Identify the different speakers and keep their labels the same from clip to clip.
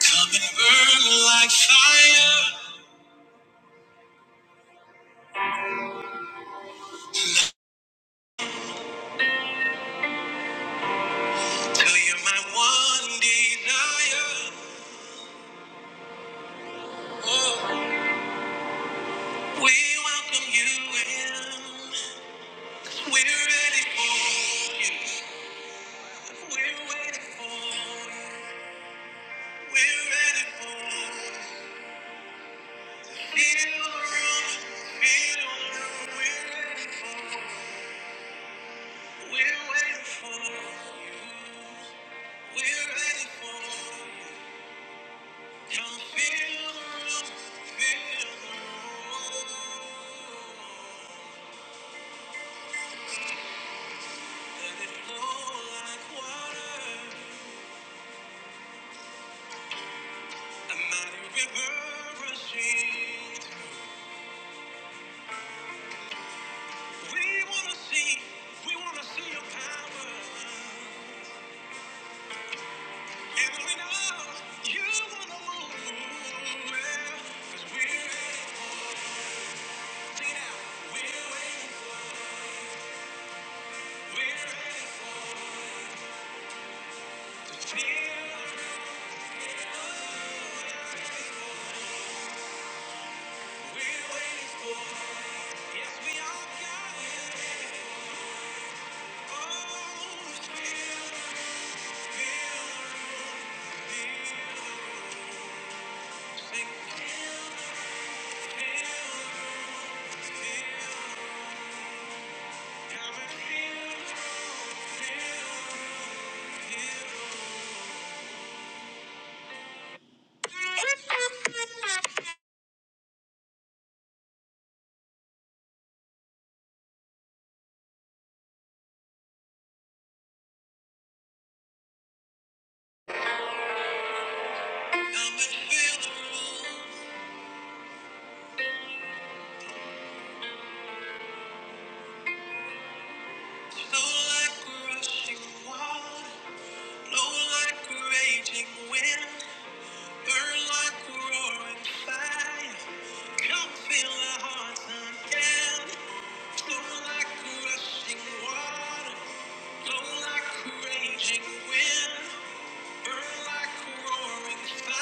Speaker 1: Come and burn like fire till you're my one desire. Oh, we welcome you in. We're ready for you. We're ready for you. We're ready for you. Feel the room. Feel the room. We're ready for you. We're waiting for you. We're ready for you. Come feel the room, feel the room. Let it flow like water, a mighty river rushing. We wanna see, we wanna see your power, and we know you wanna move. Well, 'cause we're ready, sing it We're ready, we're ready to feel. We're waiting for. Yes, we all got it. Come fill our hearts again. Flow like rushing water, flow like raging wind. Feel the room, feel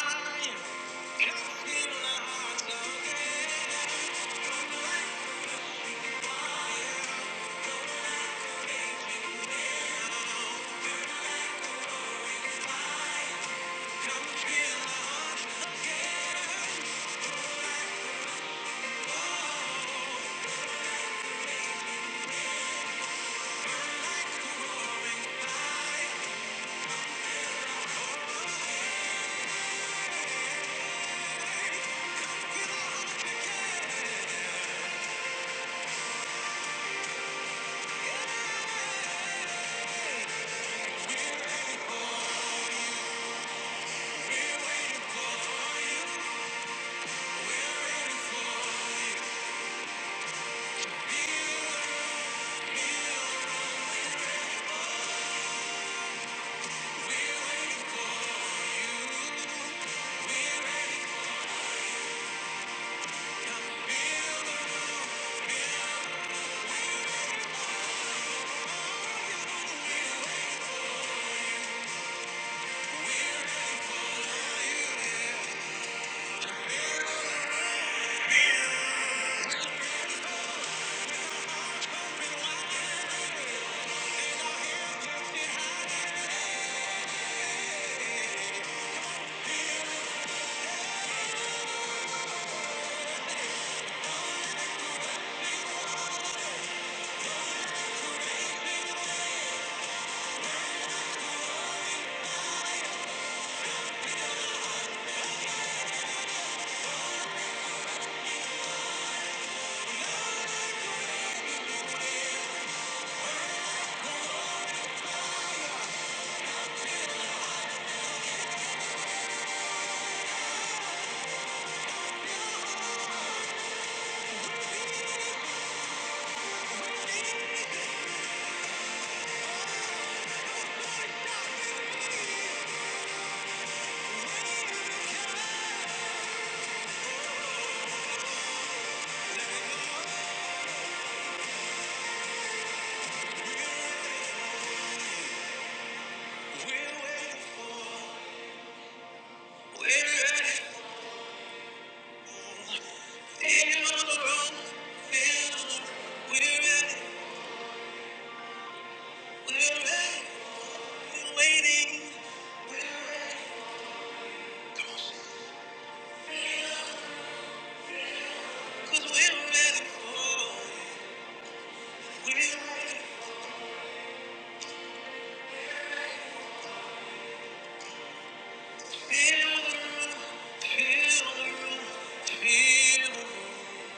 Speaker 1: the room, feel the room.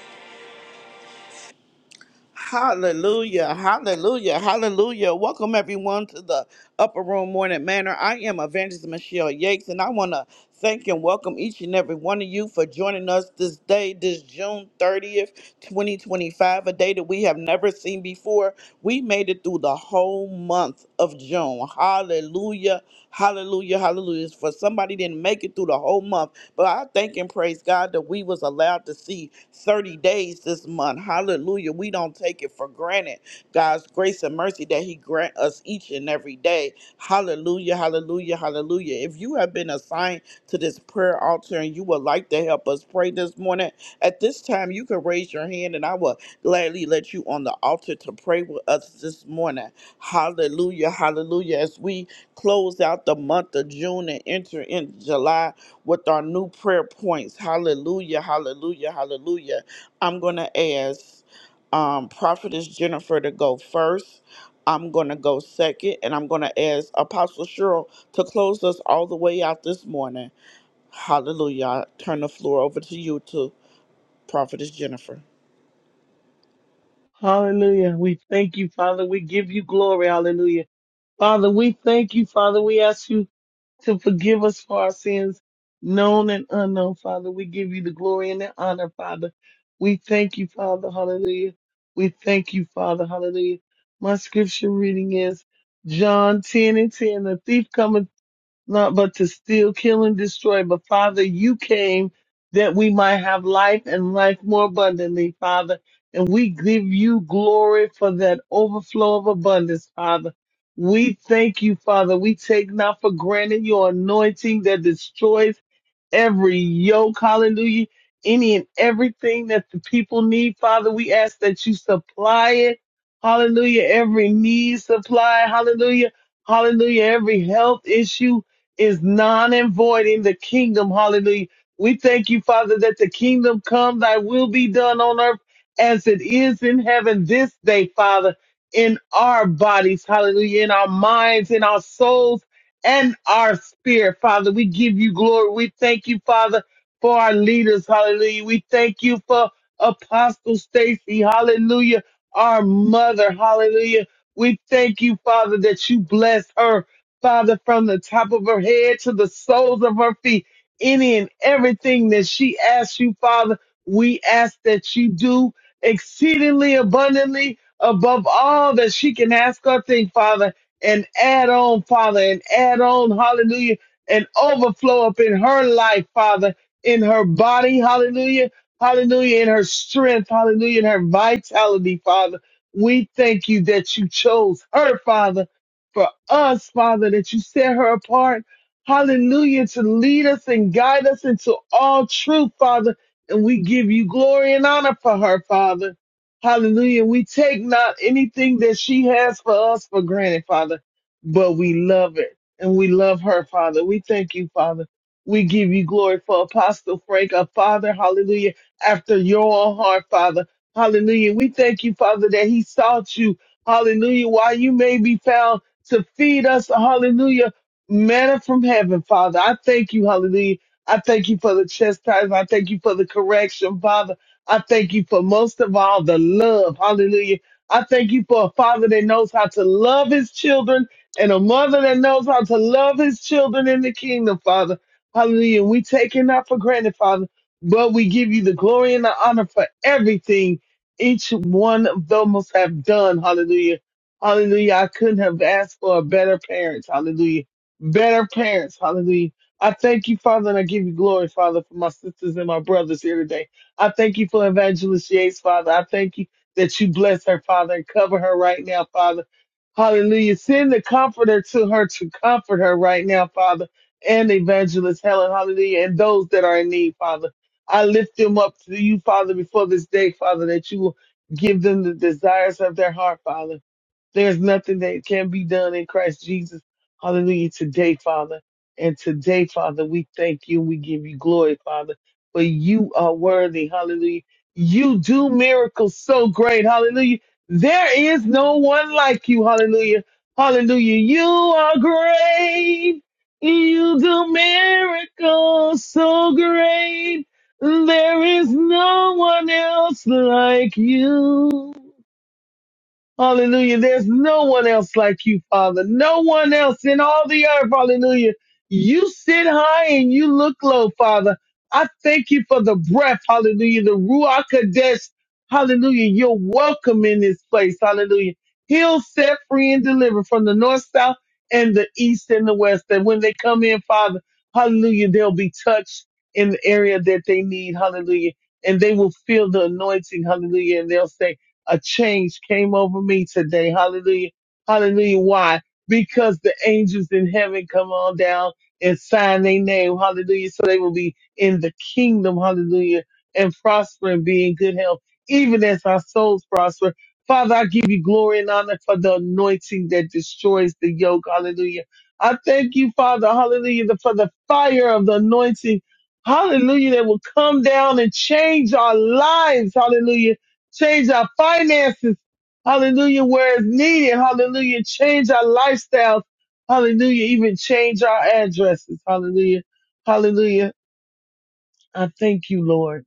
Speaker 1: Hallelujah, hallelujah, hallelujah. Welcome everyone to the Upper Room Morning Manor. I am Evangelist Michelle Yates, and I want to thank and welcome each and every one of you for joining us this day, this June 30th, 2025, a day that we have never never seen before. We made it through the whole month of June. Hallelujah. Hallelujah. Hallelujah. For somebody didn't make it through the whole month. But I thank and praise God that we was allowed to see 30 days this month. Hallelujah. We don't take it for granted. God's grace and mercy that He grant us each and every day. Hallelujah, hallelujah, hallelujah. If you have been assigned to this prayer altar and you would like to help us pray this morning, at this time you can raise your hand and I will gladly let you on the altar to pray with us this morning. Hallelujah, hallelujah. As we close out the month of June and enter in July with our new prayer points. Hallelujah, hallelujah, hallelujah. I'm going to ask um, Prophetess Jennifer to go first. I'm going to go second, and I'm going to ask Apostle Cheryl to close us all the way out this morning. Hallelujah. I turn the floor over to you, to Prophetess Jennifer.
Speaker 2: Hallelujah. We thank you, Father. We give you glory. Hallelujah. Father, we thank you, Father. We ask you to forgive us for our sins, known and unknown, Father. We give you the glory and the honor, Father. We thank you, Father. Hallelujah. We thank you, Father. Hallelujah. My scripture reading is John 10 and 10. The thief cometh not but to steal, kill, and destroy. But Father, you came that we might have life and life more abundantly, Father. And we give you glory for that overflow of abundance, Father. We thank you, Father. We take not for granted your anointing that destroys every yoke, hallelujah, any and everything that the people need, Father. We ask that you supply it, hallelujah, every need supply, hallelujah, hallelujah, every health issue, is non and voiding the kingdom. Hallelujah. We thank you, Father, that the kingdom come, thy will be done on earth as it is in heaven this day, Father, in our bodies, hallelujah, in our minds, in our souls, and our spirit, Father. We give you glory. We thank you, Father, for our leaders, hallelujah. We thank you for Apostle Stacy, hallelujah, our mother, hallelujah. We thank you, Father, that you bless her, Father, from the top of her head to the soles of her feet, any and everything that she asks you, Father, we ask that you do exceedingly abundantly above all that she can ask or think, Father, and add on, Father, and add on, hallelujah, and overflow up in her life, Father, in her body, hallelujah, hallelujah, in her strength, hallelujah, in her vitality, Father. We thank you that you chose her, Father for us, Father, that you set her apart. Hallelujah, to lead us and guide us into all truth, Father. And we give you glory and honor for her, Father. Hallelujah. We take not anything that she has for us for granted, Father, but we love it and we love her, Father. We thank you, Father. We give you glory for Apostle Frank, a father, hallelujah, after your own heart, Father. Hallelujah. We thank you, Father, that he sought you Hallelujah. While you may be found to feed us, hallelujah, manna from heaven, Father. I thank you, hallelujah. I thank you for the chastisement. I thank you for the correction, Father. I thank you for most of all the love. Hallelujah. I thank you for a father that knows how to love his children and a mother that knows how to love his children in the kingdom, Father. Hallelujah. We take it not for granted, Father, but we give you the glory and the honor for everything each one of them must have done. Hallelujah. Hallelujah. I couldn't have asked for a better parents. Hallelujah. Better parents. Hallelujah. I thank you, Father, and I give you glory, Father, for my sisters and my brothers here today. I thank you for Evangelist Yates, Father. I thank you that you bless her, Father, and cover her right now, Father. Hallelujah. Send the comforter to her to comfort her right now, Father, and Evangelist Helen. Hallelujah. And those that are in need, Father. I lift them up to you, Father, before this day, Father, that you will give them the desires of their heart, Father. There's nothing that can be done in Christ Jesus. Hallelujah. Today, Father. And today, Father, we thank you. We give you glory, Father, for you are worthy. Hallelujah. You do miracles so great. Hallelujah. There is no one like you. Hallelujah. Hallelujah. You are great. You do miracles so great. There is no one else like you. Hallelujah. There's no one else like you, Father. No one else in all the earth. Hallelujah. You sit high and you look low, Father. I thank you for the breath. Hallelujah. The Ruach Kadesh. Hallelujah. You're welcome in this place. Hallelujah. Heal, set free, and deliver from the north, south, and the east and the west. That when they come in, Father, hallelujah, they'll be touched in the area that they need. Hallelujah. And they will feel the anointing. Hallelujah. And they'll say, a change came over me today. Hallelujah. Hallelujah. Why? Because the angels in heaven come on down and sign their name. Hallelujah. So they will be in the kingdom. Hallelujah. And prosper and be in good health, even as our souls prosper. Father, I give you glory and honor for the anointing that destroys the yoke. Hallelujah. I thank you, Father. Hallelujah. For the fire of the anointing. Hallelujah. That will come down and change our lives. Hallelujah change our finances, hallelujah, where it's needed, hallelujah, change our lifestyles, hallelujah, even change our addresses, hallelujah, hallelujah. I thank you, Lord.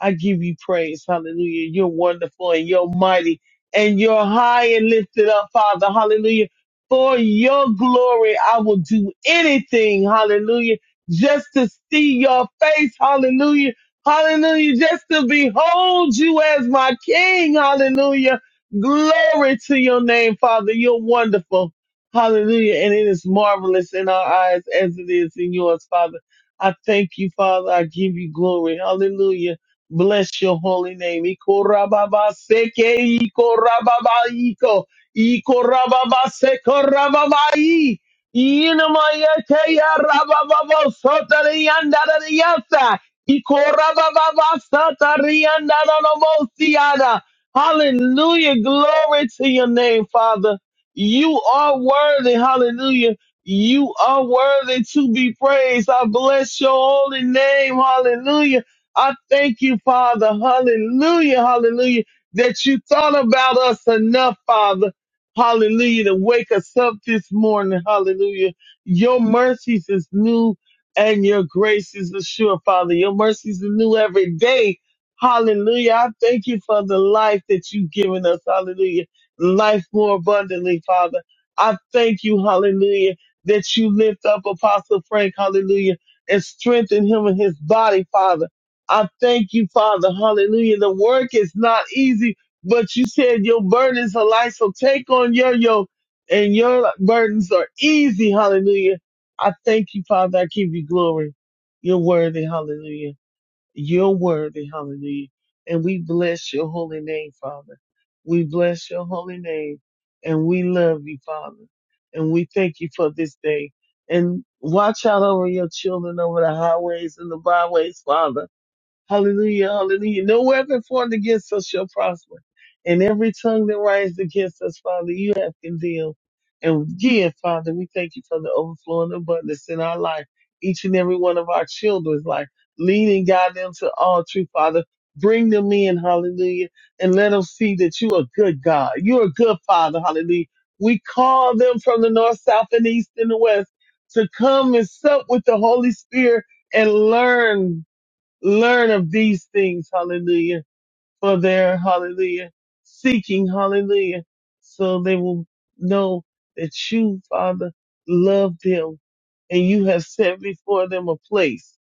Speaker 2: I give you praise. Hallelujah. You're wonderful and you're mighty and you're high and lifted up, Father. Hallelujah. For your glory, I will do anything. Hallelujah. Just to see your face. Hallelujah. Hallelujah. Just to behold you as my king. Hallelujah. Glory to your name, Father. You're wonderful. Hallelujah. And it is marvelous in our eyes as it is in yours, Father. I thank you, Father. I give you glory. Hallelujah. Bless your holy name. Ikorababa seke ikorababa iko ikorababa sekorababa i inamaya kaya rababa sota riyanda riyasa ikorababa sota riyanda nomosiada. Hallelujah. Glory to your name, Father. You are worthy. Hallelujah. You are worthy to be praised. I bless your holy name. Hallelujah. I thank you, Father. Hallelujah. Hallelujah. That you thought about us enough, Father. Hallelujah. To wake us up this morning. Hallelujah. Your mercies is new and your grace is assured, Father. Your mercies are new every day. Hallelujah. I thank you for the life that you've given us. Hallelujah. Life more abundantly, Father. I thank you. Hallelujah. That you lift up Apostle Frank. Hallelujah. And strengthen him in his body, Father. I thank you, Father. Hallelujah. The work is not easy, but you said your burdens are light. So take on your yoke and your burdens are easy. Hallelujah. I thank you, Father. I give you glory. You're worthy. Hallelujah. You're worthy. Hallelujah. And we bless your holy name, Father. We bless your holy name and we love you, Father. And we thank you for this day. And watch out over your children over the highways and the byways, Father. Hallelujah, hallelujah. No weapon formed against us shall prosper. And every tongue that rises against us, Father, you have condemned. And again, Father, we thank you for the overflowing abundance in our life, each and every one of our children's life. Lead and guide them to all truth, Father. Bring them in, hallelujah, and let them see that you are a good God. You're a good Father, hallelujah. We call them from the north, south, and east, and the west to come and sup with the Holy Spirit and learn learn of these things, hallelujah, for their, hallelujah, seeking, hallelujah, so they will know that you, Father, love them and you have set before them a place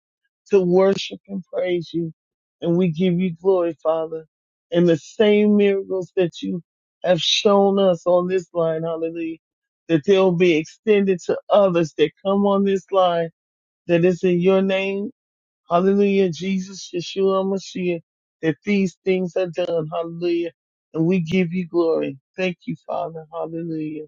Speaker 2: to worship and praise you. And we give you glory, Father, and the same miracles that you have shown us on this line, hallelujah, that they'll be extended to others that come on this line that is in your name Hallelujah, Jesus, Yeshua, Mashiach, that these things are done. Hallelujah. And we give you glory. Thank you, Father. Hallelujah.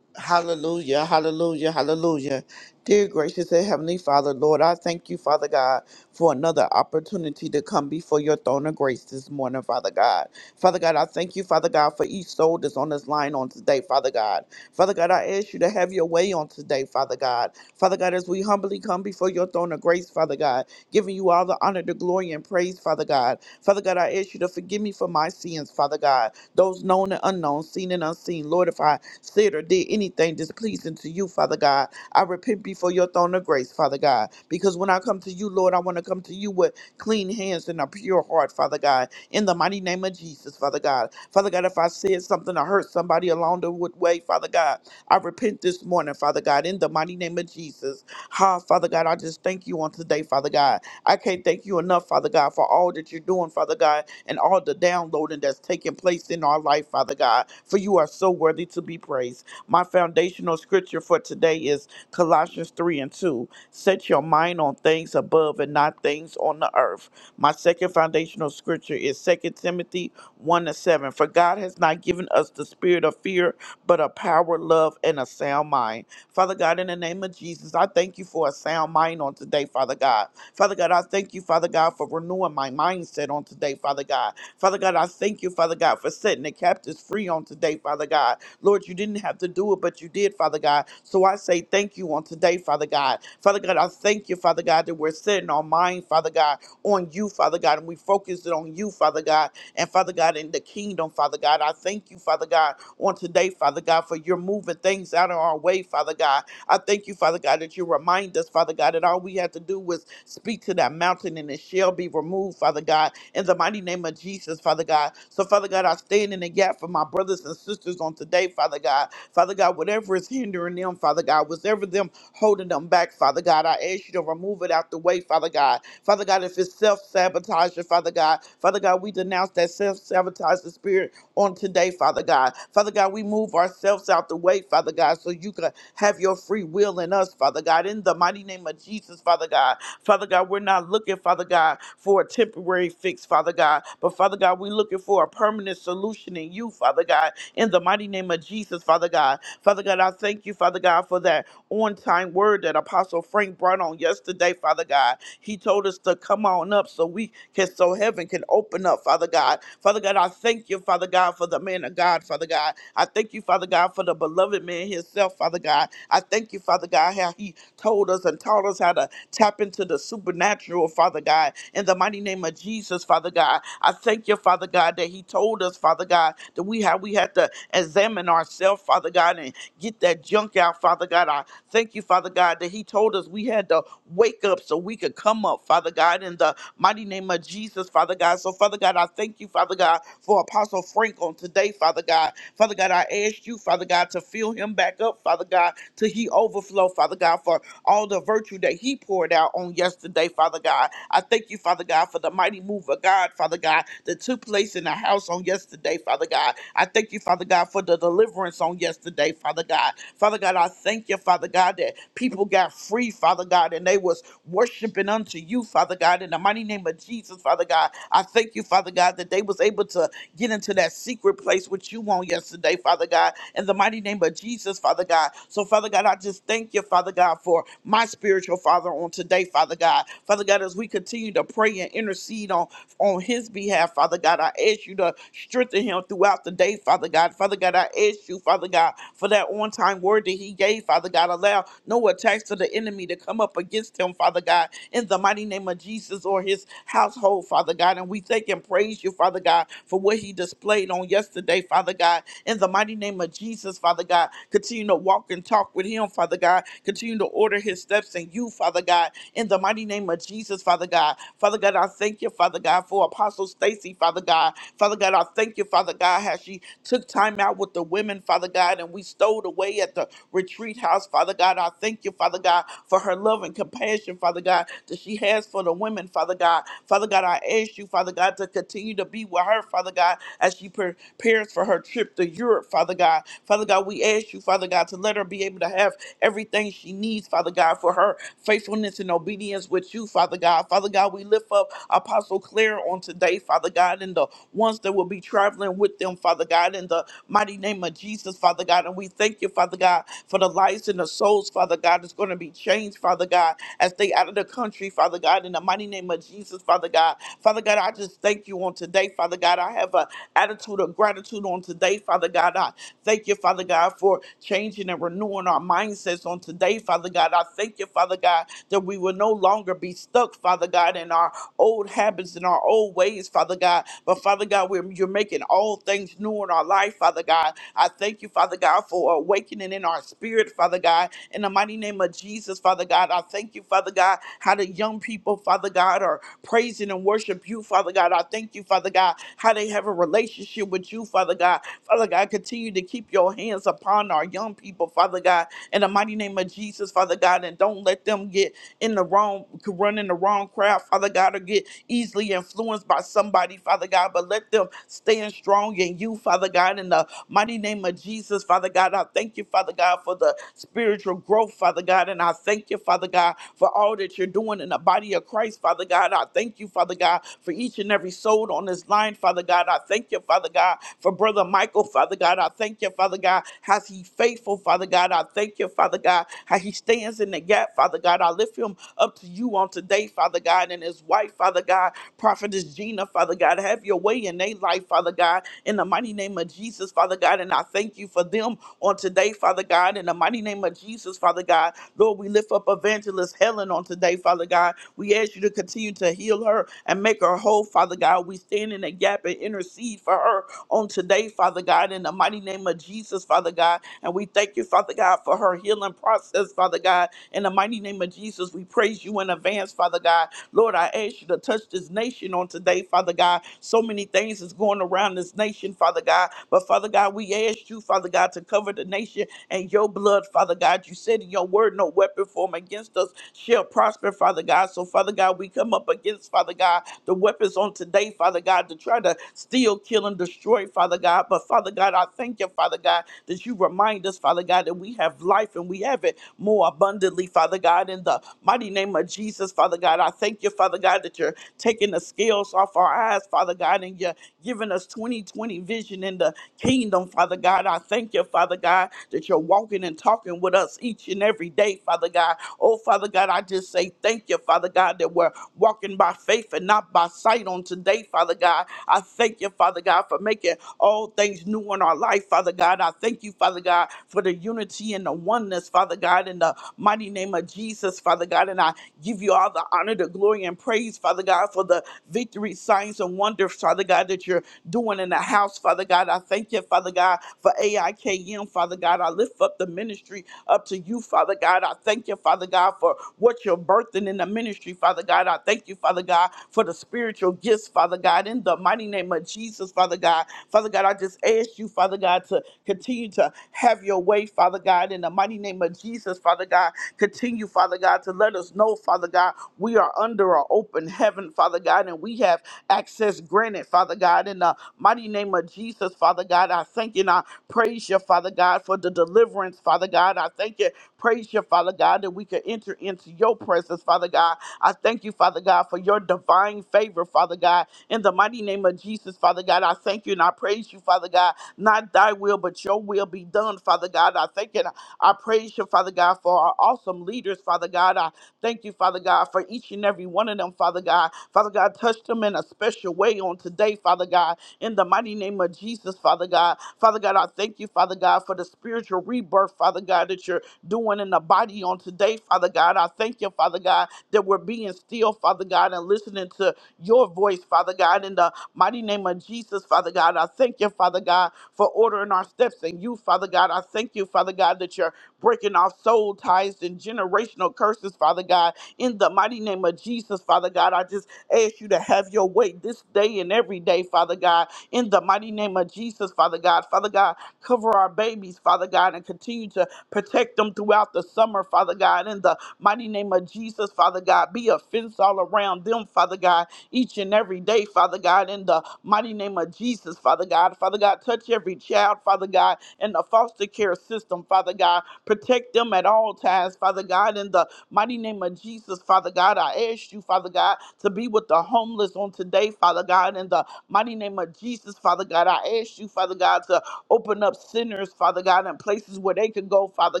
Speaker 1: Hallelujah, hallelujah, hallelujah. Dear gracious and heavenly Father, Lord, I thank you, Father God, for another opportunity to come before your throne of grace this morning, Father God. Father God, I thank you, Father God, for each soul that's on this line on today, Father God. Father God, I ask you to have your way on today, Father God. Father God, as we humbly come before your throne of grace, Father God, giving you all the honor, the glory, and praise, Father God. Father God, I ask you to forgive me for my sins, Father God, those known and unknown, seen and unseen. Lord, if I said or did anything displeasing to you, Father God. I repent before your throne of grace, Father God, because when I come to you, Lord, I want to come to you with clean hands and a pure heart, Father God, in the mighty name of Jesus, Father God. Father God, if I said something or hurt somebody along the wood- way, Father God, I repent this morning, Father God, in the mighty name of Jesus. Ha, Father God, I just thank you on today, Father God. I can't thank you enough, Father God, for all that you're doing, Father God, and all the downloading that's taking place in our life, Father God, for you are so worthy to be praised. My foundational scripture for today is Colossians 3 and 2. Set your mind on things above and not things on the earth. My second foundational scripture is Second Timothy 1 and 7. For God has not given us the spirit of fear, but a power, love, and a sound mind. Father God, in the name of Jesus, I thank you for a sound mind on today, Father God. Father God, I thank you, Father God, for renewing my mindset on today, Father God. Father God, I thank you, Father God, for setting the captives free on today, Father God. Lord, you didn't have to do it, but you did, Father God. So I say thank you on today, Father God. Father God, I thank you, Father God, that we're setting our mind, Father God, on you, Father God, and we focus it on you, Father God, and Father God, in the kingdom, Father God. I thank you, Father God, on today, Father God, for you're moving things out of our way, Father God. I thank you, Father God, that you remind us, Father God, that all we have to do was speak to that mountain and it shall be removed, Father God, in the mighty name of Jesus, Father God. So, Father God, I stand in the gap for my brothers and sisters on today, Father God. Father God, whatever is hindering them, Father God, whatever them holding them back, Father God, I ask you to remove it out the way, Father God. Father God, if it's self sabotage, Father God, Father God, we denounce that self sabotage spirit on today, Father God. Father God, we move ourselves out the way, Father God, so you can have your free will in us, Father God. In the mighty name of Jesus, Father God. Father God, we're not looking, Father God, for a temporary fix, Father God. But Father God, we're looking for a permanent solution in you, Father God. In the mighty name of Jesus, Father God. Father God, I thank you, Father God, for that on time word that Apostle Frank brought on yesterday, Father God. He told us to come on up so we can so heaven can open up, Father God. Father God, I thank thank you, Father God, for the man of God, Father God. I thank you, Father God, for the beloved man himself, Father God. I thank you, Father God, how he told us and taught us how to tap into the supernatural, Father God. In the mighty name of Jesus, Father God, I thank you, Father God, that he told us, Father God, that we how we had to examine ourselves, Father God, and get that junk out, Father God. I thank you, Father God, that he told us we had to wake up so we could come up, Father God, in the mighty name of Jesus, Father God. So, Father God, I thank you, Father. Father God, for Apostle Frank on today, Father God. Father God, I ask you, Father God, to fill him back up, Father God, till he overflow, Father God, for all the virtue that he poured out on yesterday, Father God. I thank you, Father God, for the mighty move of God, Father God, that took place in the house on yesterday, Father God. I thank you, Father God, for the deliverance on yesterday, Father God. Father God, I thank you, Father God, that people got free, Father God, and they was worshiping unto you, Father God, in the mighty name of Jesus, Father God. I thank you, Father. Father God, that they was able to get into that secret place which you want yesterday, Father God, in the mighty name of Jesus, Father God. So, Father God, I just thank you, Father God, for my spiritual father on today, Father God. Father God, as we continue to pray and intercede on, on his behalf, Father God, I ask you to strengthen him throughout the day, Father God. Father God, I ask you, Father God, for that on time word that he gave, Father God. Allow no attacks of the enemy to come up against him, Father God, in the mighty name of Jesus or his household, Father God. And and we thank and praise you, Father God, for what he displayed on yesterday, Father God. In the mighty name of Jesus, Father God, continue to walk and talk with him, Father God. Continue to order his steps in you, Father God. In the mighty name of Jesus, Father God. Father God, I thank you, Father God, for Apostle Stacy, Father God. Father God, I thank you, Father God, how she took time out with the women, Father God, and we stowed away at the retreat house, Father God. I thank you, Father God, for her love and compassion, Father God, that she has for the women, Father God. Father God, God, I ask you, Father God, to continue to be with her, Father God, as she prepares for her trip to Europe, Father God. Father God, we ask you, Father God, to let her be able to have everything she needs, Father God, for her faithfulness and obedience with you, Father God. Father God, we lift up Apostle Claire on today, Father God, and the ones that will be traveling with them, Father God, in the mighty name of Jesus, Father God. And we thank you, Father God, for the lives and the souls, Father God, that's going to be changed, Father God, as they out of the country, Father God, in the mighty name of Jesus. Jesus, Father God. Father God, I just thank you on today, Father God. I have an attitude of gratitude on today, Father God. I thank you, Father God, for changing and renewing our mindsets on today, Father God. I thank you, Father God, that we will no longer be stuck, Father God, in our old habits and our old ways, Father God. But Father God, we're, you're making all things new in our life, Father God. I thank you, Father God, for awakening in our spirit, Father God. In the mighty name of Jesus, Father God, I thank you, Father God, how the young people, Father. Father God, or praising and worship you, Father God. I thank you, Father God, how they have a relationship with you, Father God. Father God, continue to keep your hands upon our young people, Father God, in the mighty name of Jesus, Father God, and don't let them get in the wrong, run in the wrong crowd, Father God, or get easily influenced by somebody, Father God, but let them stand strong in you, Father God, in the mighty name of Jesus, Father God. I thank you, Father God, for the spiritual growth, Father God, and I thank you, Father God, for all that you're doing in the body body of Christ, Father God. I thank you, Father God, for each and every soul on this line, Father God. I thank you, Father God, for Brother Michael, Father God. I thank you, Father God, how he faithful, Father God. I thank you, Father God, how he stands in the gap, Father God. I lift him up to you on today, Father God, and his wife, Father God, Prophetess Gina, Father God. Have your way in their life, Father God, in the mighty name of Jesus, Father God. And I thank you for them on today, Father God, in the mighty name of Jesus, Father God. Lord, we lift up Evangelist Helen on today today, Father God. We ask you to continue to heal her and make her whole, Father God. We stand in the gap and intercede for her on today, Father God, in the mighty name of Jesus, Father God. And we thank you, Father God, for her healing process, Father God. In the mighty name of Jesus, we praise you in advance, Father God. Lord, I ask you to touch this nation on today, Father God. So many things is going around this nation, Father God. But Father God, we ask you, Father God, to cover the nation and your blood, Father God. You said in your word, no weapon formed against us shall prosper, Father God. So, Father God, we come up against, Father God, the weapons on today, Father God, to try to steal, kill, and destroy, Father God. But, Father God, I thank you, Father God, that you remind us, Father God, that we have life and we have it more abundantly, Father God. In the mighty name of Jesus, Father God, I thank you, Father God, that you're taking the scales off our eyes, Father God, and you're giving us 2020 vision in the kingdom, Father God. I thank you, Father God, that you're walking and talking with us each and every day, Father God. Oh, Father God, I just say thank you, Father God, that we're walking by faith and not by sight on today, Father God. I thank you, Father God, for making all things new in our life, Father God. I thank you, Father God, for the unity and the oneness, Father God, in the mighty name of Jesus, Father God. And I give you all the honor, the glory, and praise, Father God, for the victory, signs, and wonders, Father God, that you're doing in the house, Father God. I thank you, Father God, for AIKM, Father God. I lift up the ministry up to you, Father God. God. I thank you, Father God, for what you're birthing in the ministry, Father God. I thank you, Father God, for the spiritual gifts, Father God, in the mighty name of Jesus, Father God. Father God, I just ask you, Father God, to continue to have your way, Father God, in the mighty name of Jesus, Father God. Continue, Father God, to let us know, Father God, we are under an open heaven, Father God, and we have access granted, Father God, in the mighty name of Jesus, Father God. I thank you and I praise you, Father God, for the deliverance, Father God. I thank you Praise you, Father God, that we can enter into your presence, Father God. I thank you, Father God, for your divine favor, Father God. In the mighty name of Jesus, Father God, I thank you and I praise you, Father God. Not thy will, but your will be done, Father God. I thank you and I praise you, Father God, for our awesome leaders, Father God. I thank you, Father God, for each and every one of them, Father God. Father God, touch them in a special your way on today, Father God, in the mighty name of Jesus, Father God. Father God, I thank you, Father God, for the spiritual rebirth, Father God, that you're doing in the body on today, Father God. I thank you, Father God, that we're being still, Father God, and listening to your voice, Father God, in the mighty name of Jesus, Father God. I thank you, Father God, for ordering our steps and you, Father God. I thank you, Father God, that you're breaking off soul ties and generational curses, Father God, in the mighty name of Jesus, Father God. I just ask you to have your way this day and every day, Father God, in the mighty name of Jesus, Father God. Father God, cover our babies, Father God, and continue to protect them throughout the summer, Father God, in the mighty name of Jesus, Father God. Be a fence all around them, Father God, each and every day, Father God, in the mighty name of Jesus, Father God. Father God, touch every child, Father God, in the foster care system, Father God. Protect them at all times, Father God, in the Mighty name of Jesus, Father God, I ask you, Father God, to be with the homeless on today, Father God. In the mighty name of Jesus, Father God, I ask you, Father God, to open up sinners, Father God, and places where they could go, Father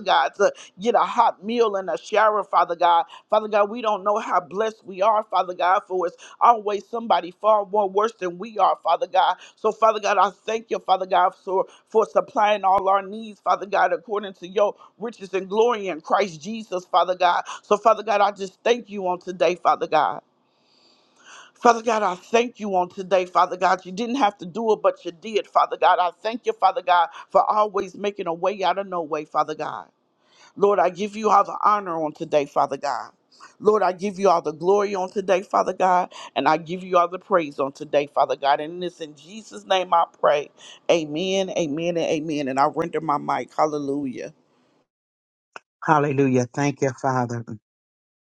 Speaker 1: God, to get a hot meal and a shower, Father God. Father God, we don't know how blessed we are, Father God, for it's always somebody far more worse than we are, Father God. So, Father God, I thank you, Father God, for, for supplying all our needs, Father God, according to your riches and glory in Christ Jesus, Father God. So, Father God, I just thank you on today, Father God. Father God, I thank you on today, Father God. You didn't have to do it, but you did, Father God. I thank you, Father God, for always making a way out of no way, Father God. Lord, I give you all the honor on today, Father God. Lord, I give you all the glory on today, Father God, and I give you all the praise on today, Father God. And it's in Jesus' name I pray. Amen, amen, and amen. And I render my mic. Hallelujah.
Speaker 3: Hallelujah. Thank you, Father.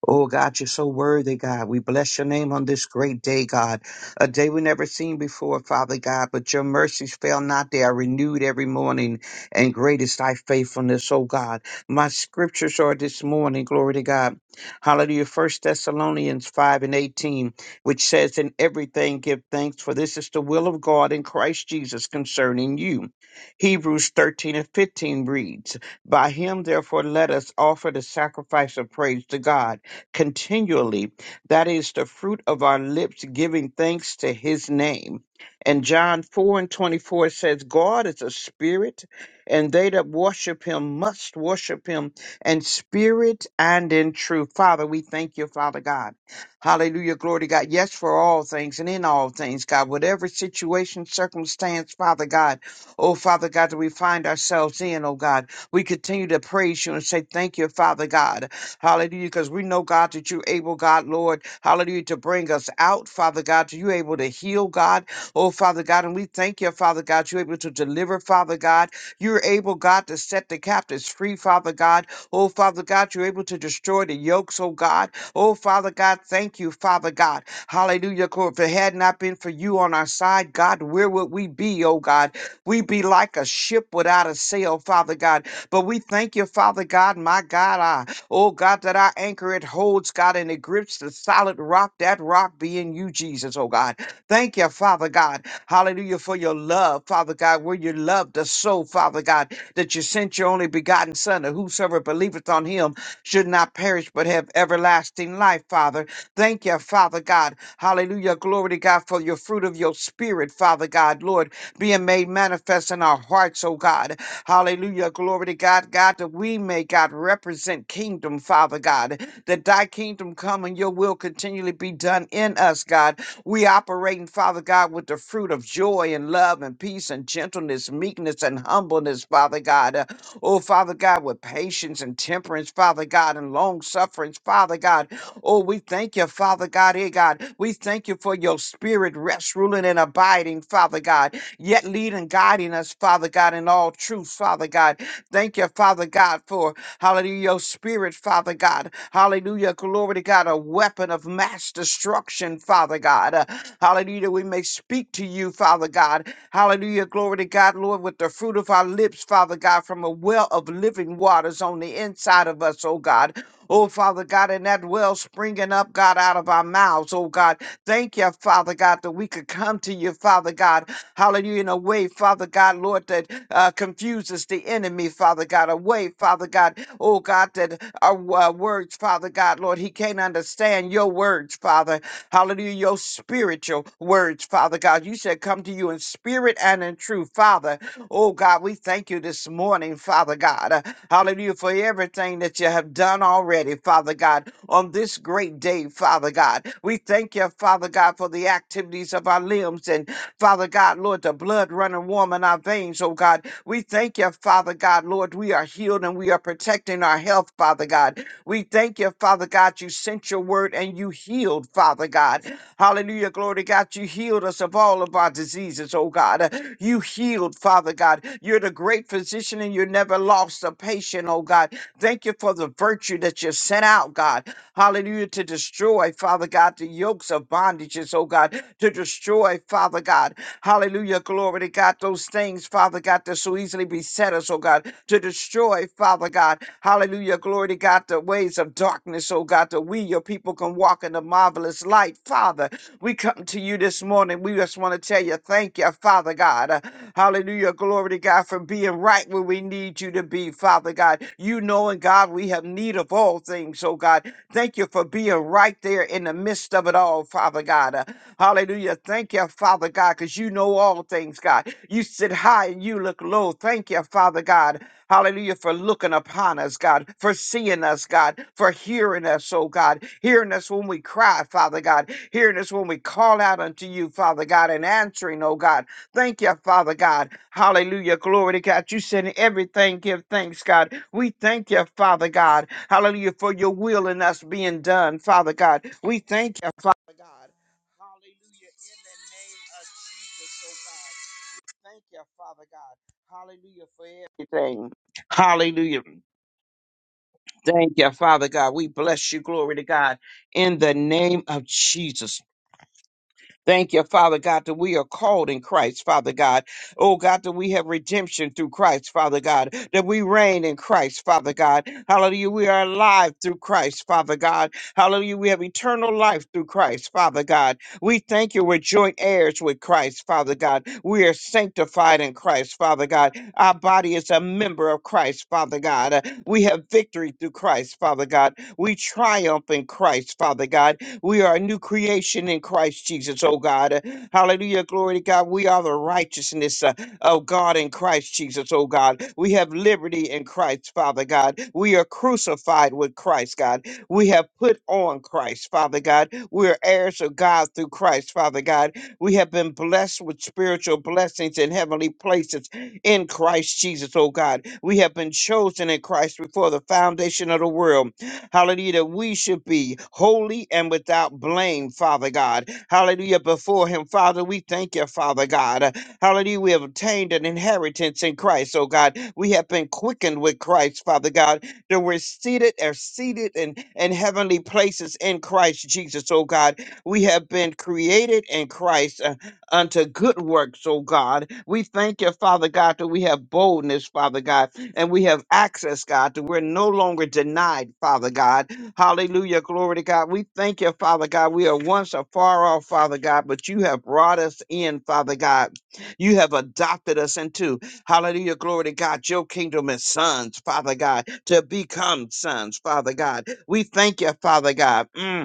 Speaker 3: Oh God, you're so worthy, God. We bless your name on this great day, God. A day we never seen before, Father God, but your mercies fail not. They are renewed every morning, and great is thy faithfulness, oh God. My scriptures are this morning, glory to God. Hallelujah. First Thessalonians 5 and 18, which says, In everything give thanks, for this is the will of God in Christ Jesus concerning you. Hebrews 13 and 15 reads, By him therefore let us offer the sacrifice of praise to God continually. That is the fruit of our lips giving thanks to his name. And John 4 and 24 says, God is a spirit, and they that worship him must worship him in spirit and in truth. Father, we thank you, Father God. Hallelujah. Glory to God. Yes, for all things and in all things, God. Whatever situation, circumstance, Father God. Oh, Father God, that we find ourselves in, oh God. We continue to praise you and say, Thank you, Father God. Hallelujah. Because we know, God, that you're able, God, Lord, hallelujah, to bring us out, Father God. You're able to heal, God. Oh, Father God. And we thank you, Father God. You're able to deliver, Father God. You're able, God, to set the captives free, Father God. Oh, Father God, you're able to destroy the yokes, oh God. Oh, Father God, thank you, Father God. Hallelujah. Lord, If it had not been for you on our side, God, where would we be, oh God? we be like a ship without a sail, Father God. But we thank you, Father God, my God. Oh God, that our anchor it holds, God, and it grips the solid rock, that rock being you, Jesus, oh God. Thank you, Father God. Hallelujah for your love, Father God, where you loved us so, Father God, that you sent your only begotten Son, that whosoever believeth on him should not perish but have everlasting life, Father. Thank you, Father God. Hallelujah. Glory to God for your fruit of your spirit, Father God, Lord being made manifest in our hearts, oh God. Hallelujah. Glory to God, God, that we may, God, represent kingdom, Father God, that thy kingdom come and your will continually be done in us, God. We operating, Father God, with the fruit of joy and love and peace and gentleness, meekness and humbleness, Father God. Uh, Oh, Father God, with patience and temperance, Father God, and long sufferance, Father God. Oh, we thank you, Father God, eh, God. We thank you for your spirit rest, ruling, and abiding, Father God yet leading, guiding us, Father God, in all truth, Father God. Thank you, Father God, for hallelujah, your spirit, Father God. Hallelujah, glory to God, a weapon of mass destruction, Father God. Uh, hallelujah, we may speak to you, Father God. Hallelujah, glory to God, Lord, with the fruit of our lips, Father God, from a well of living waters on the inside of us, oh God. Oh, Father God, and that well springing up, God, out of our mouths, oh God. Thank you, Father God, that we could come to you, Father God. Hallelujah. In a way, Father God, Lord, that uh, confuses the enemy, Father God. A way, Father God, oh God, that our uh, words, Father God, Lord, he can't understand your words, Father. Hallelujah. Your spiritual words, Father God. You said, come to you in spirit and in truth, Father. Oh God, we thank you this morning, Father God. Uh, hallelujah for everything that you have done already, Father God, on this great day, Father God. We thank you, Father God, for the activities of our limbs and Father God, Lord, the blood running warm in our veins, oh God. We thank you, Father God, Lord, we are healed and we are protecting our health, Father God. We thank you, Father God, you sent your word and you healed, Father God. Hallelujah, glory to God, you healed us of all of our diseases, oh God. You healed, Father God. You're the great physician and you never lost a patient, oh God. Thank you for the virtue that you sent out, God. Hallelujah. To destroy, Father God, the yokes of bondages, oh God. To destroy, Father God. Hallelujah. Glory to God. Those things, Father God, that so easily beset us, oh God. To destroy, Father God. Hallelujah. Glory to God. The ways of darkness, oh God. That we, your people, can walk in the marvelous light, Father. We come to you this morning. We just want to tell you, thank you, Father God. Uh, Hallelujah. Glory to God for being right where we need you to be, Father God. You know, and God, we have need of all things, oh God. Thank you for being right there in the midst of it all, Father God. Uh, hallelujah. Thank you, Father God, because you know all things, God. You sit high and you look low. Thank you, Father God. Hallelujah, for looking upon us, God, for seeing us, God, for hearing us, oh God, hearing us when we cry, Father God, hearing us when we call out unto you, Father God, and answering, oh God. Thank you, Father God. Hallelujah. Glory to God. You said in everything, give thanks, God we thank you, Father God. Hallelujah, for your will in us being done, Father God. We thank you, Father God. Hallelujah, in the name of Jesus, oh God. Thank you, Father God. Hallelujah, for everything. Hallelujah. Thank you, Father God. We bless you. Glory to God. In the name of Jesus. Thank you, Father God, that we are called in Christ, Father God. Oh God, that we have redemption through Christ, Father God, that we reign in Christ, Father God. Hallelujah. We are alive through Christ, Father God. Hallelujah. We have eternal life through Christ, Father God. We thank you. We're joint heirs with Christ, Father God. We are sanctified in Christ, Father God. Our body is a member of Christ, Father God. Uh, We have victory through Christ, Father God. We triumph in Christ, Father God. We are a new creation in Christ Jesus, oh God. Uh, Hallelujah. Glory to God. We are the righteousness uh, of God in Christ Jesus, oh God. We have liberty in Christ, Father God. We are crucified with Christ, God. We have put on Christ, Father God. We are heirs of God through Christ, Father God. We have been blessed with spiritual blessings in heavenly places in Christ Jesus, oh God. We have been chosen in Christ before the foundation of the world hallelujah, that we should be holy and without blame, Father God, hallelujah, before Him, Father. We thank you, Father God, hallelujah. We have obtained an inheritance in Christ, oh God. We have been quickened with Christ, Father God, that we're seated are seated in, in heavenly places in Christ Jesus, oh God. We have been created in Christ. uh, unto good works, oh God. We thank you, Father God, that we have boldness, Father God, and we have access, God, that we're no longer denied, Father God. Hallelujah, glory to God. We thank you, Father God. We are once afar off, Father God, but you have brought us in, Father God. You have adopted us into, hallelujah, glory to God, your kingdom as sons, Father God, to become sons, Father God. We thank you, Father God. Mm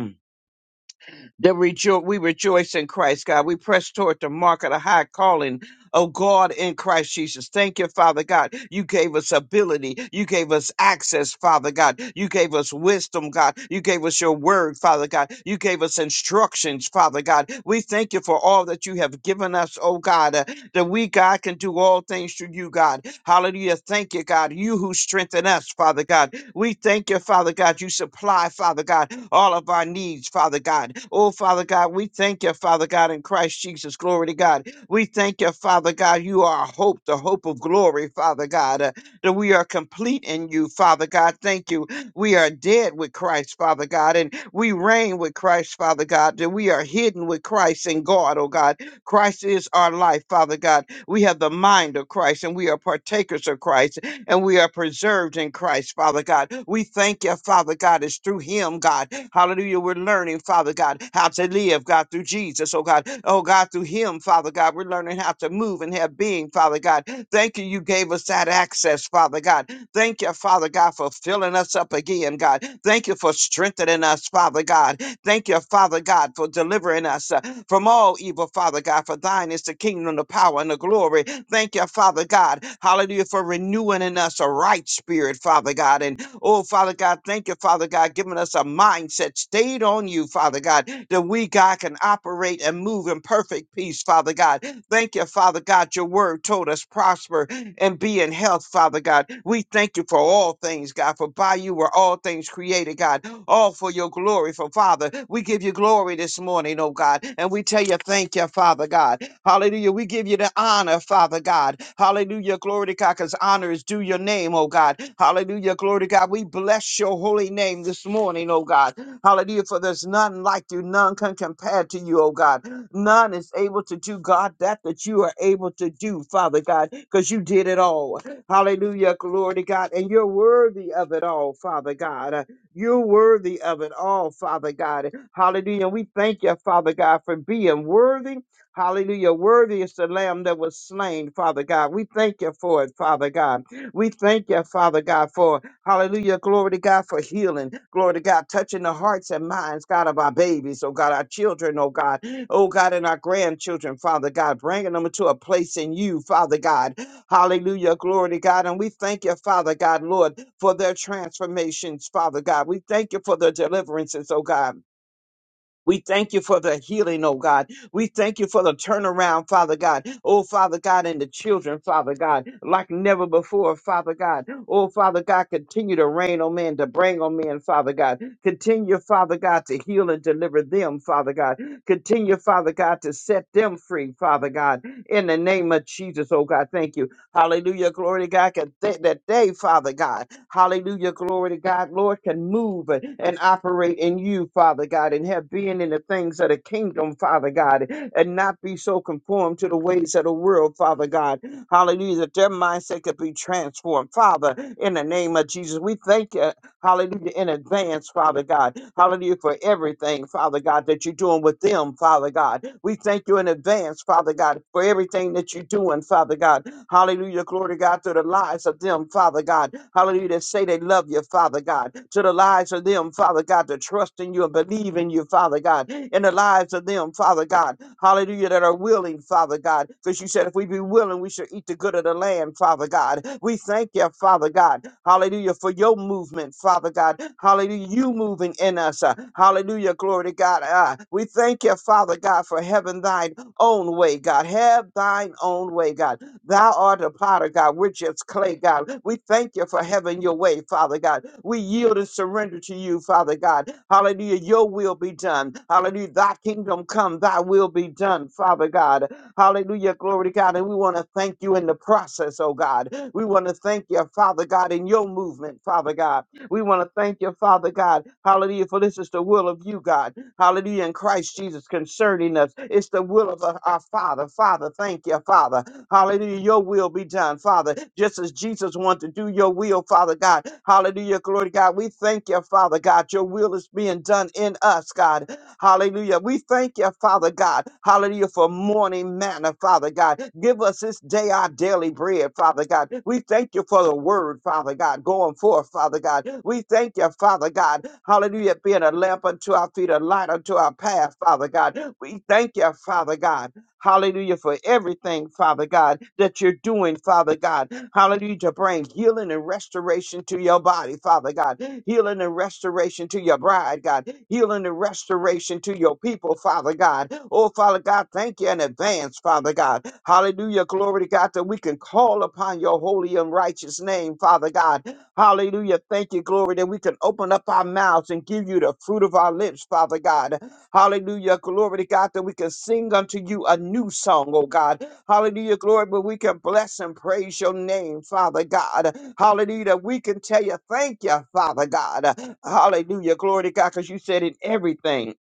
Speaker 3: that rejo- we rejoice in Christ, God. We press toward the mark of the high calling, oh God, in Christ Jesus. Thank you, Father God. You gave us ability. You gave us access, Father God. You gave us wisdom, God. You gave us your word, Father God. You gave us instructions, Father God. We thank you for all that you have given us, oh God, uh, that we, God, can do all things through you, God. Hallelujah. Thank you, God. You who strengthen us, Father God. We thank you, Father God. You supply, Father God, all of our needs, Father God. Oh, Father God, we thank you, Father God, in Christ Jesus. Glory to God. We thank you, Father God. You are our hope, the hope of glory, Father God, uh, that we are complete in you, Father God. Thank you. We are dead with Christ, Father God, and we reign with Christ, Father God, that we are hidden with Christ in God, oh God. Christ is our life, Father God. We have the mind of Christ and we are partakers of Christ and we are preserved in Christ, Father God. We thank you, Father God. It's through Him, God. Hallelujah. We're learning, Father God, how to live, God, through Jesus, oh God. Oh God, through Him, Father God, we're learning how to move and have being, Father God. Thank you, you gave us that access, Father God. Thank you, Father God, for filling us up again, God. Thank you for strengthening us, Father God. Thank you, Father God, for delivering us uh, from all evil, Father God. For thine is the kingdom, the power, and the glory. Thank you, Father God. Hallelujah for renewing in us a right spirit, Father God. And oh, Father God, thank you, Father God, giving us a mindset stayed on you, Father God, that we, God, can operate and move in perfect peace, Father God. Thank you, Father God. Your word told us prosper and be in health, Father God. We thank you for all things, God, for by you were all things created, God, all for your glory. For Father, we give you glory this morning, oh God, and we tell you thank you, Father God. Hallelujah. We give you the honor, Father God. Hallelujah. Glory to God, because honor is due your name, oh God. Hallelujah. Glory to God. We bless your holy name this morning, oh God. Hallelujah. For there's none like you, none can compare to you, oh God. None is able to do, God, that that you are able to do, Father God, because you did it all. Hallelujah. Glory to God. And you're worthy of it all, Father God. Uh, You're worthy of it all, Father God. Hallelujah. we thank you, Father God, for being worthy Hallelujah. Worthy is the lamb that was slain, Father God. We thank you for it, Father God. We thank you, Father God, for hallelujah. Glory to God for healing. Glory to God, touching the hearts and minds, God, of our babies, oh God, our children, oh God, oh God, and our grandchildren, Father God, bringing them to a place in you, Father God. Hallelujah. Glory to God. And we thank you, Father God, Lord, for their transformations, Father God. We thank you for their deliverances, oh God. We thank you for the healing, oh God. We thank you for the turnaround, Father God. Oh, Father God, and the children, Father God, like never before, Father God. Oh, Father God, continue to reign on men, to bring on men, Father God. Continue, Father God, to heal and deliver them, Father God. Continue, Father God, to set them free, Father God. In the name of Jesus, oh God, thank you. Hallelujah. Glory to God. Can th- That day, Father God. Hallelujah. Glory to God. Lord can move and and operate in you, Father God, and have being in the things of the kingdom, Father God, and not be so conformed to the ways of the world, Father God. Hallelujah. That their mindset could be transformed, Father, in the name of Jesus. We thank you Hallelujah. In advance, Father God. Hallelujah for everything, Father God, that you're doing with them, Father God. We thank you in advance, Father God, for everything that you're doing, Father God. Hallelujah. Glory to God to the lives of them, Father God. Hallelujah. That say they love you, Father God. To the lives of them, Father God, to trust in you and believe in in you, Father God, in the lives of them, Father God. Hallelujah, that are willing, Father God, because you said if we be willing, we shall eat the good of the land, Father God. We thank you, Father God. Hallelujah, for your movement, Father God. Hallelujah, you moving in us. uh, Hallelujah, glory to God. Uh, We thank you, Father God, for having thine own way, God. Have thine own way, God. Thou art a potter, God. We're just clay, God. We thank you for having your way, Father God. We yield and surrender to you, Father God. Hallelujah. Your will be done. Hallelujah. Thy kingdom come. Thy will be done, Father God. Hallelujah. Glory to God. And we want to thank you in the process, oh God. We want to thank you, Father God, in your movement, Father God. We want to thank you, Father God. Hallelujah. For this is the will of you, God hallelujah, in Christ Jesus concerning us. It's the will of our our Father. Father, thank you, Father. Hallelujah, your will be done, Father. Just as Jesus wanted to do your will, Father God. Hallelujah, glory to God. We thank you, Father God. Your will is being done in us, God. Hallelujah. We thank you, Father God. Hallelujah for morning manna, Father God. Give us this day our daily bread, Father God. We thank you for the word, Father God, going forth, Father God. We thank you, Father God. Hallelujah, being a lamp unto our feet, a light unto our path, Father God. We thank you, Father God. Hallelujah for everything, Father God, that you're doing, Father God. Hallelujah to bring healing and restoration to your body, Father God. Healing and restoration to your bride, God. Healing and restoration to your people, Father God. Oh, Father God, thank you in advance, Father God. Hallelujah. Glory to God that we can call upon your holy and righteous name, Father God. Hallelujah. Thank you, glory, that we can open up our mouths and give you the fruit of our lips, Father God. Hallelujah. Glory to God that we can sing unto you a new song, oh God. Hallelujah. Glory, but we can bless and praise your name, Father God. Hallelujah. that We can tell you, thank you, Father God. Hallelujah. Glory to God, because you said in everything.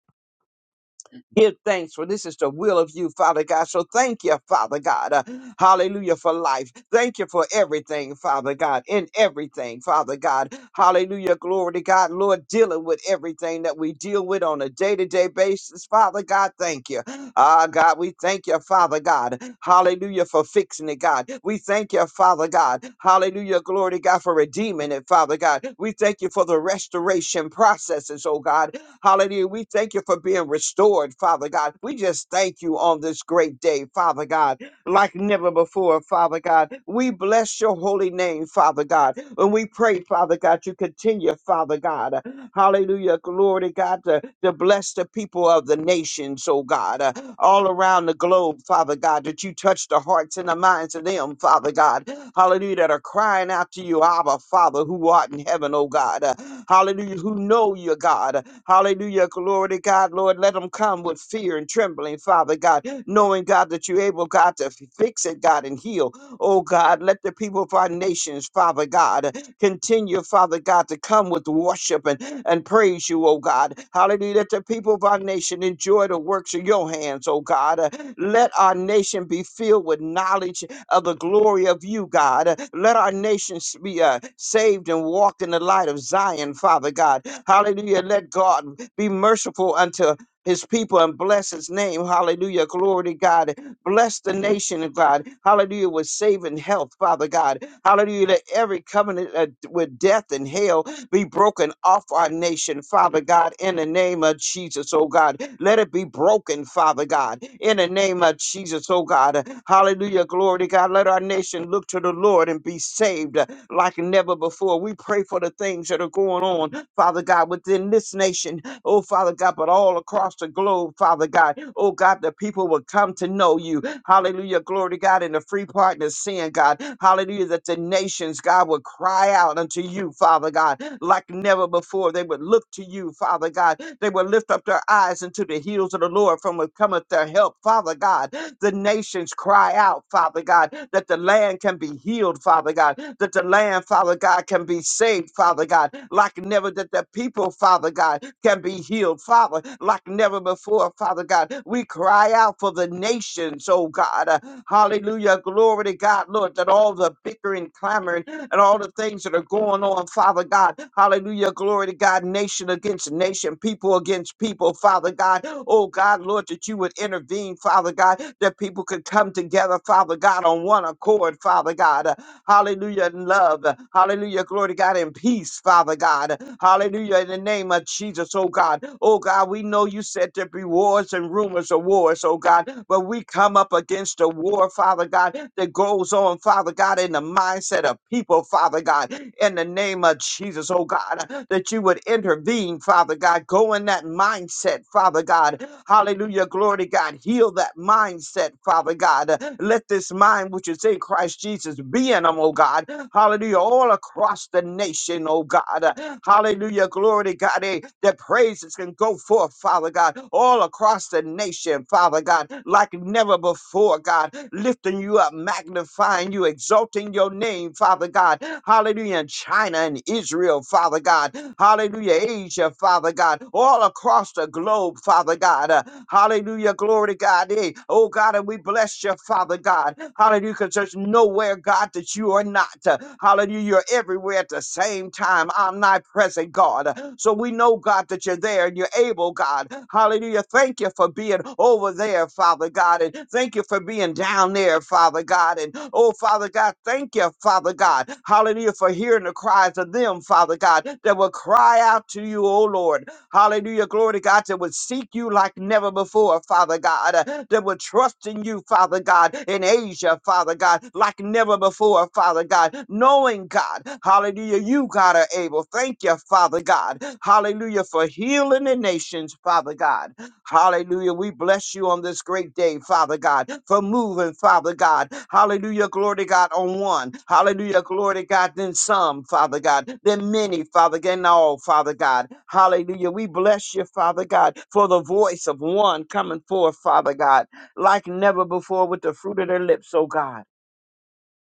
Speaker 3: Give thanks for this is the will of you, Father God. So thank you, Father God. Uh, hallelujah for life. Thank you for everything, Father God, in everything, Father God. Hallelujah. Glory to God. Lord, dealing with everything that we deal with on a day to day basis, Father God. Thank you. Ah, God, we thank you, Father God. Hallelujah for fixing it, God. We thank you, Father God. Hallelujah. Glory to God for redeeming it, Father God. We thank you for the restoration processes, oh God. Hallelujah. We thank you for being restored, Father God. We just thank you on this great day, Father God, like never before, Father God. We bless your holy name, Father God. And we pray, Father God, you continue, Father God. Hallelujah. Glory to God to, to bless the people of the nations, oh God, uh, all around the globe, Father God, that you touch the hearts and the minds of them, Father God. Hallelujah. That are crying out to you, Abba, Father, who art in heaven, oh God. Uh, hallelujah. Who know you, God. Hallelujah. Glory to God, Lord. Let them come with fear and trembling, Father God, knowing, God, that you're able, God, to f- fix it, God, and heal. Oh God, let the people of our nations, Father God, Continue, Father God, to come with worship and, and praise you, oh God. Hallelujah. Let the people of our nation enjoy the works of your hands, oh God. Uh, Let our nation be filled with knowledge of the glory of you, God. Uh, Let our nations be uh, saved and walk in the light of Zion, Father God. Hallelujah. Let God be merciful unto his people and bless his name. Hallelujah. Glory to God. Bless the nation of God. Hallelujah. With saving health, Father God. Hallelujah. Let every covenant uh, with death and hell be broken off our nation, Father God, in the name of Jesus, oh God. Let it be broken, Father God, in the name of Jesus, oh God. Hallelujah. Glory to God. Let our nation look to the Lord and be saved uh, like never before. We pray for the things that are going on, Father God, within this nation oh Father God, but all across the globe, Father God, oh God, the people will come to know you. Hallelujah, glory to God, in the free partner of sin, God. Hallelujah, that the nations, God, would cry out unto you, Father God, like never before. They would look to you, Father God. They would lift up their eyes into the heels of the Lord from whence cometh their help, Father God. The nations cry out, Father God, that the land can be healed, Father God, that the land, Father God, can be saved, Father Father God, like never that the people, Father God, can be healed, Father, like never before, Father God. We cry out for the nations, oh God. Uh, hallelujah. Glory to God, Lord, that all the bickering, clamoring, and all the things that are going on, Father God. Hallelujah. Glory to God. Nation against nation, people against people, Father God. Oh God, Lord, that you would intervene, Father God, that people could come together, Father God, on one accord, Father God. Uh, Hallelujah. In love. Hallelujah. Glory to God in peace, Father God. Hallelujah. In the name of Jesus, oh God. Oh God, we know you said there be wars and rumors of wars, oh God. But we come up against a war, Father God, that goes on, Father God, in the mindset of people, Father God. In the name of Jesus, oh God, that you would intervene, Father God. Go in that mindset, Father God. Hallelujah. Glory to God. Heal that mindset, Father God. God. Let this mind which is in Christ Jesus be in them, oh God. Hallelujah. All across the nation, oh God. Hallelujah. Glory to God. Eh, That praises can go forth, Father God, all across the nation, Father God, like never before, God. Lifting you up, magnifying you, exalting your name, Father God. Hallelujah. In China and Israel, Father God. Hallelujah. Asia, Father God. All across the globe, Father God. Uh, Hallelujah. Glory to God. Hey, oh God, and we bless you, Father God. Hallelujah. Because there's nowhere, God, that you are not. Hallelujah. You're everywhere at the same time. Omnipresent, God. So we know, God, that you're there and you're able, God. Hallelujah. Thank you for being over there, Father God. And thank you for being down there, Father God. And oh, Father God, thank you, Father God. Hallelujah. For hearing the cries of them, Father God, that will cry out to you, oh Lord. Hallelujah. Glory to God that would seek you like never before, Father God, uh, that would trust in you, Father God, in Asia, Father God, like never before, Father God, knowing God, hallelujah, you, God, are able. Thank you, Father God, hallelujah, for healing the nations, Father God. Hallelujah. We bless you on this great day, Father God, for moving, Father God. Hallelujah. Glory to God on one. Hallelujah. Glory to God. Then some, Father God. Then many, Father God. And all, Father God. Hallelujah. We bless you, Father God, for the voice of one coming forth, Father God, like never before with the fruit of their lips, oh God.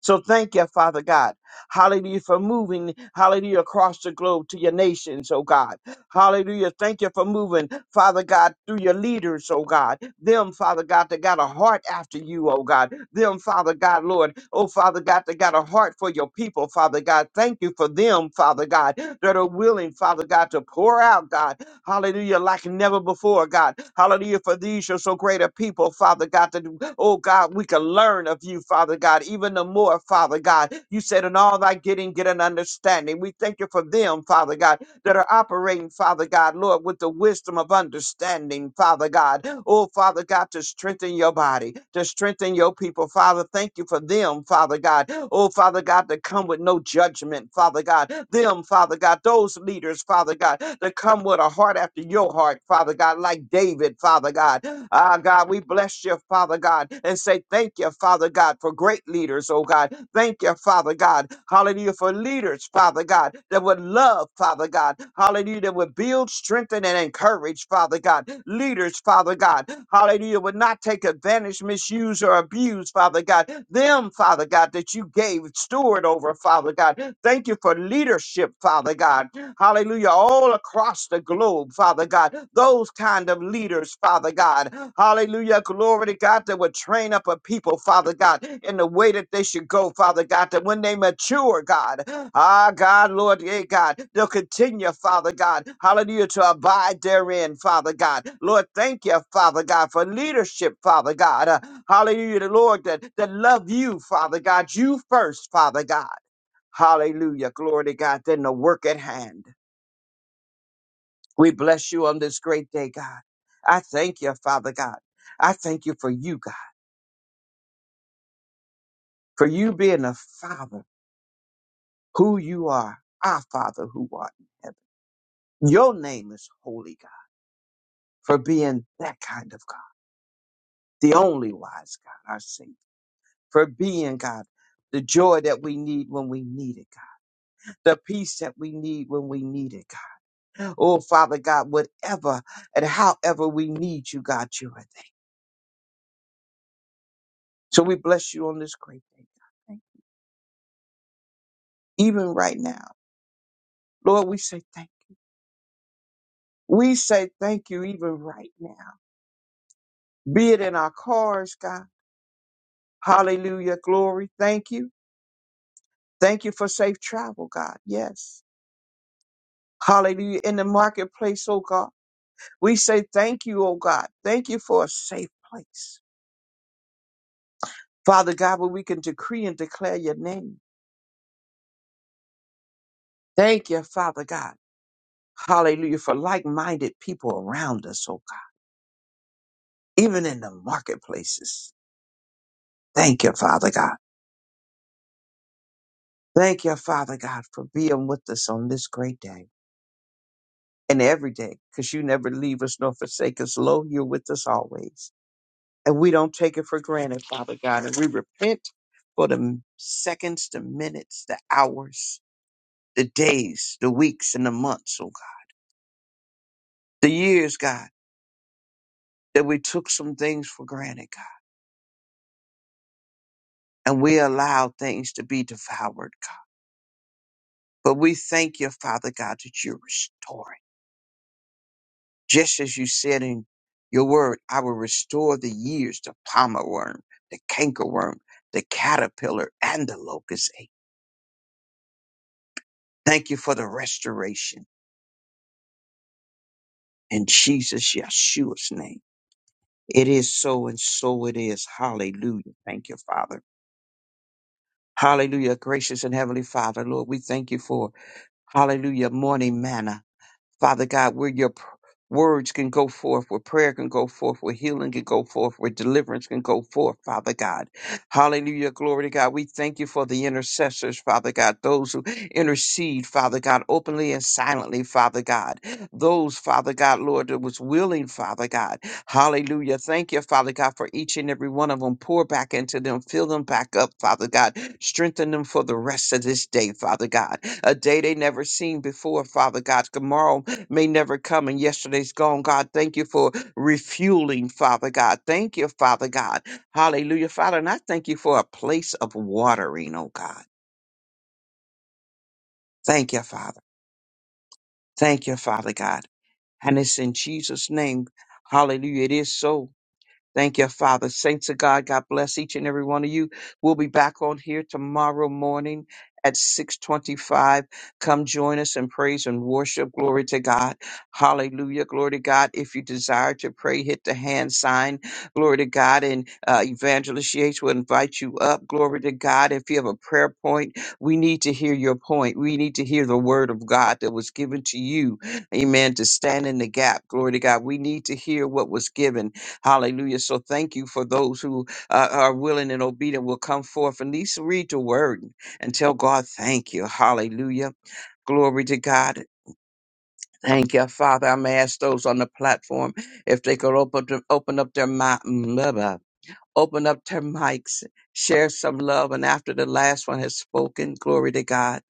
Speaker 3: So thank you, Father God. Hallelujah for moving, hallelujah, across the globe to your nations, oh God. Hallelujah. Thank you for moving, Father God, through your leaders, oh God. Them, Father God, that got a heart after you, oh God. Them, Father God, Lord, oh Father God, that got a heart for your people, Father God. Thank you for them, Father God, that are willing, Father God, to pour out, God. Hallelujah, like never before, God. Hallelujah, for these are so great a people, Father God, that, oh God, we can learn of you, Father God, even the more, Father God. You said, in all thy getting, get an understanding. We thank you for them, Father God that are operating, Father God, Lord, with the wisdom of understanding, Father God. Oh, Father God, to strengthen your body, to strengthen your people, Father. Thank you for them, Father God. Oh, Father God, to come with no judgment, Father God. Them, Father God, those leaders, Father God, to come with a heart after your heart, Father God, like David, Father God. Ah, God, we bless you, Father God, and say thank you, Father God, for great leaders, oh God Thank you, Father God. Hallelujah for leaders, Father God, that would love, Father God. Hallelujah, that would build, strengthen, and encourage, Father God. Leaders, Father God. Hallelujah, would not take advantage, misuse, or abuse, Father God. Them, Father God, that you gave steward over, Father God. Thank you for leadership, Father God hallelujah, all across the globe, Father God. Those kind of leaders, Father God, hallelujah, glory to God, that would train up a people, Father God, in the way that they should go, Father God, that when they mature, God, ah, God, Lord, yeah, God, they'll continue, Father God, hallelujah, to abide therein, Father God. Lord, thank you, Father God, for leadership, Father God, uh, hallelujah, the Lord that, that love you, Father God, you first, Father God. Hallelujah. Glory to God. Then the work at hand. We bless you on this great day, God. I thank you, Father God. I thank you for you, God, for you being a Father, who you are, our Father who art in heaven. Your name is holy, God, for being that kind of God, the only wise God, our Savior, for being, God, the joy that we need when we need it, God, the peace that we need when we need it, God. Oh, Father God, whatever and however we need you, God, you are there. So we bless you on this great day, God. Even right now. Lord, we say thank you. We say thank you even right now. Be it in our cars, God. Hallelujah. Glory. Thank you. Thank you for safe travel, God. Yes. Hallelujah. In the marketplace, oh God. We say thank you, oh God. Thank you for a safe place. Father God, where we can decree and declare your name. Thank you, Father God. Hallelujah. For like minded people around us, oh God. Even in the marketplaces. Thank you, Father God. Thank you, Father God, for being with us on this great day and every day, because you never leave us nor forsake us. Lo, you're with us always. And we don't take it for granted, Father God. And we repent for the seconds, the minutes, the hours, the days, the weeks, and the months, oh God, the years, God, that we took some things for granted, God, and we allowed things to be devoured, God. But we thank you, Father God, that you're restoring. Just as you said in your word, I will restore the years, the palmer worm, the cankerworm, the caterpillar, and the locust ache. Thank you for the restoration in Jesus Yeshua's name. It is so and so it is. Hallelujah. Thank you, Father. Hallelujah. Gracious and heavenly Father, Lord, we thank you for hallelujah morning manna. Father God, where your pr- words can go forth, where prayer can go forth, where healing can go forth, where deliverance can go forth, Father God. Hallelujah. Glory to God. We thank you for the intercessors, Father God, those who intercede, Father God, openly and silently, Father God. Those, Father God, Lord, that was willing, Father God. Hallelujah. Thank you, Father God, for each and every one of them. Pour back into them, fill them back up, Father God. Strengthen them for the rest of this day, Father God. A day they never seen before, Father God. Tomorrow, may never come and yesterday's gone. God, thank you for refueling, Father God. Thank you, Father God. Hallelujah, Father. And I thank you for a place of watering, oh God. Thank you, Father. Thank you, Father God. And it's in Jesus' name. Hallelujah. It is so. Thank you, Father. Saints of God, God bless each and every one of you. We'll be back on here tomorrow morning at 625. Come join us in praise and worship. Glory to God. Hallelujah. Glory to God. If you desire to pray, hit the hand sign. Glory to God. And uh, Evangelist Yates will invite you up. Glory to God. If you have a prayer point, we need to hear your point. We need to hear the word of God that was given to you. Amen. To stand in the gap. Glory to God. We need to hear what was given. Hallelujah. So thank you for those who uh, are willing and obedient will come forth and at least read the word and tell God, thank you. Hallelujah. Glory to God. Thank you, Father. I'm gonna ask those on the platform if they could open to, open up their mi- mm, open up their mics, share some love, and after the last one has spoken, glory to God.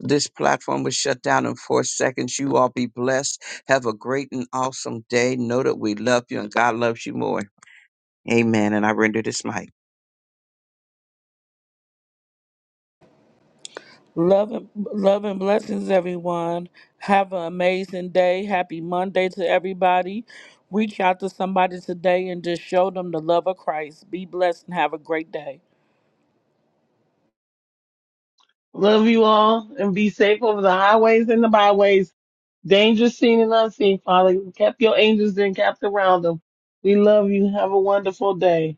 Speaker 3: This platform was shut down in four seconds. You all be blessed. Have a great and awesome day. Know that we love you and God loves you more. Amen. And I render this mic.
Speaker 1: Love and, love and blessings, everyone. Have an amazing day. Happy Monday to everybody. Reach out to somebody today and just show them the love of Christ. Be blessed and have a great day.
Speaker 2: Love you all and be safe over the highways and the byways, dangerous seen and unseen, Father. Kept your angels and kept around them. We love you. Have a wonderful day.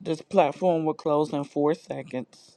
Speaker 1: This platform will close in four seconds.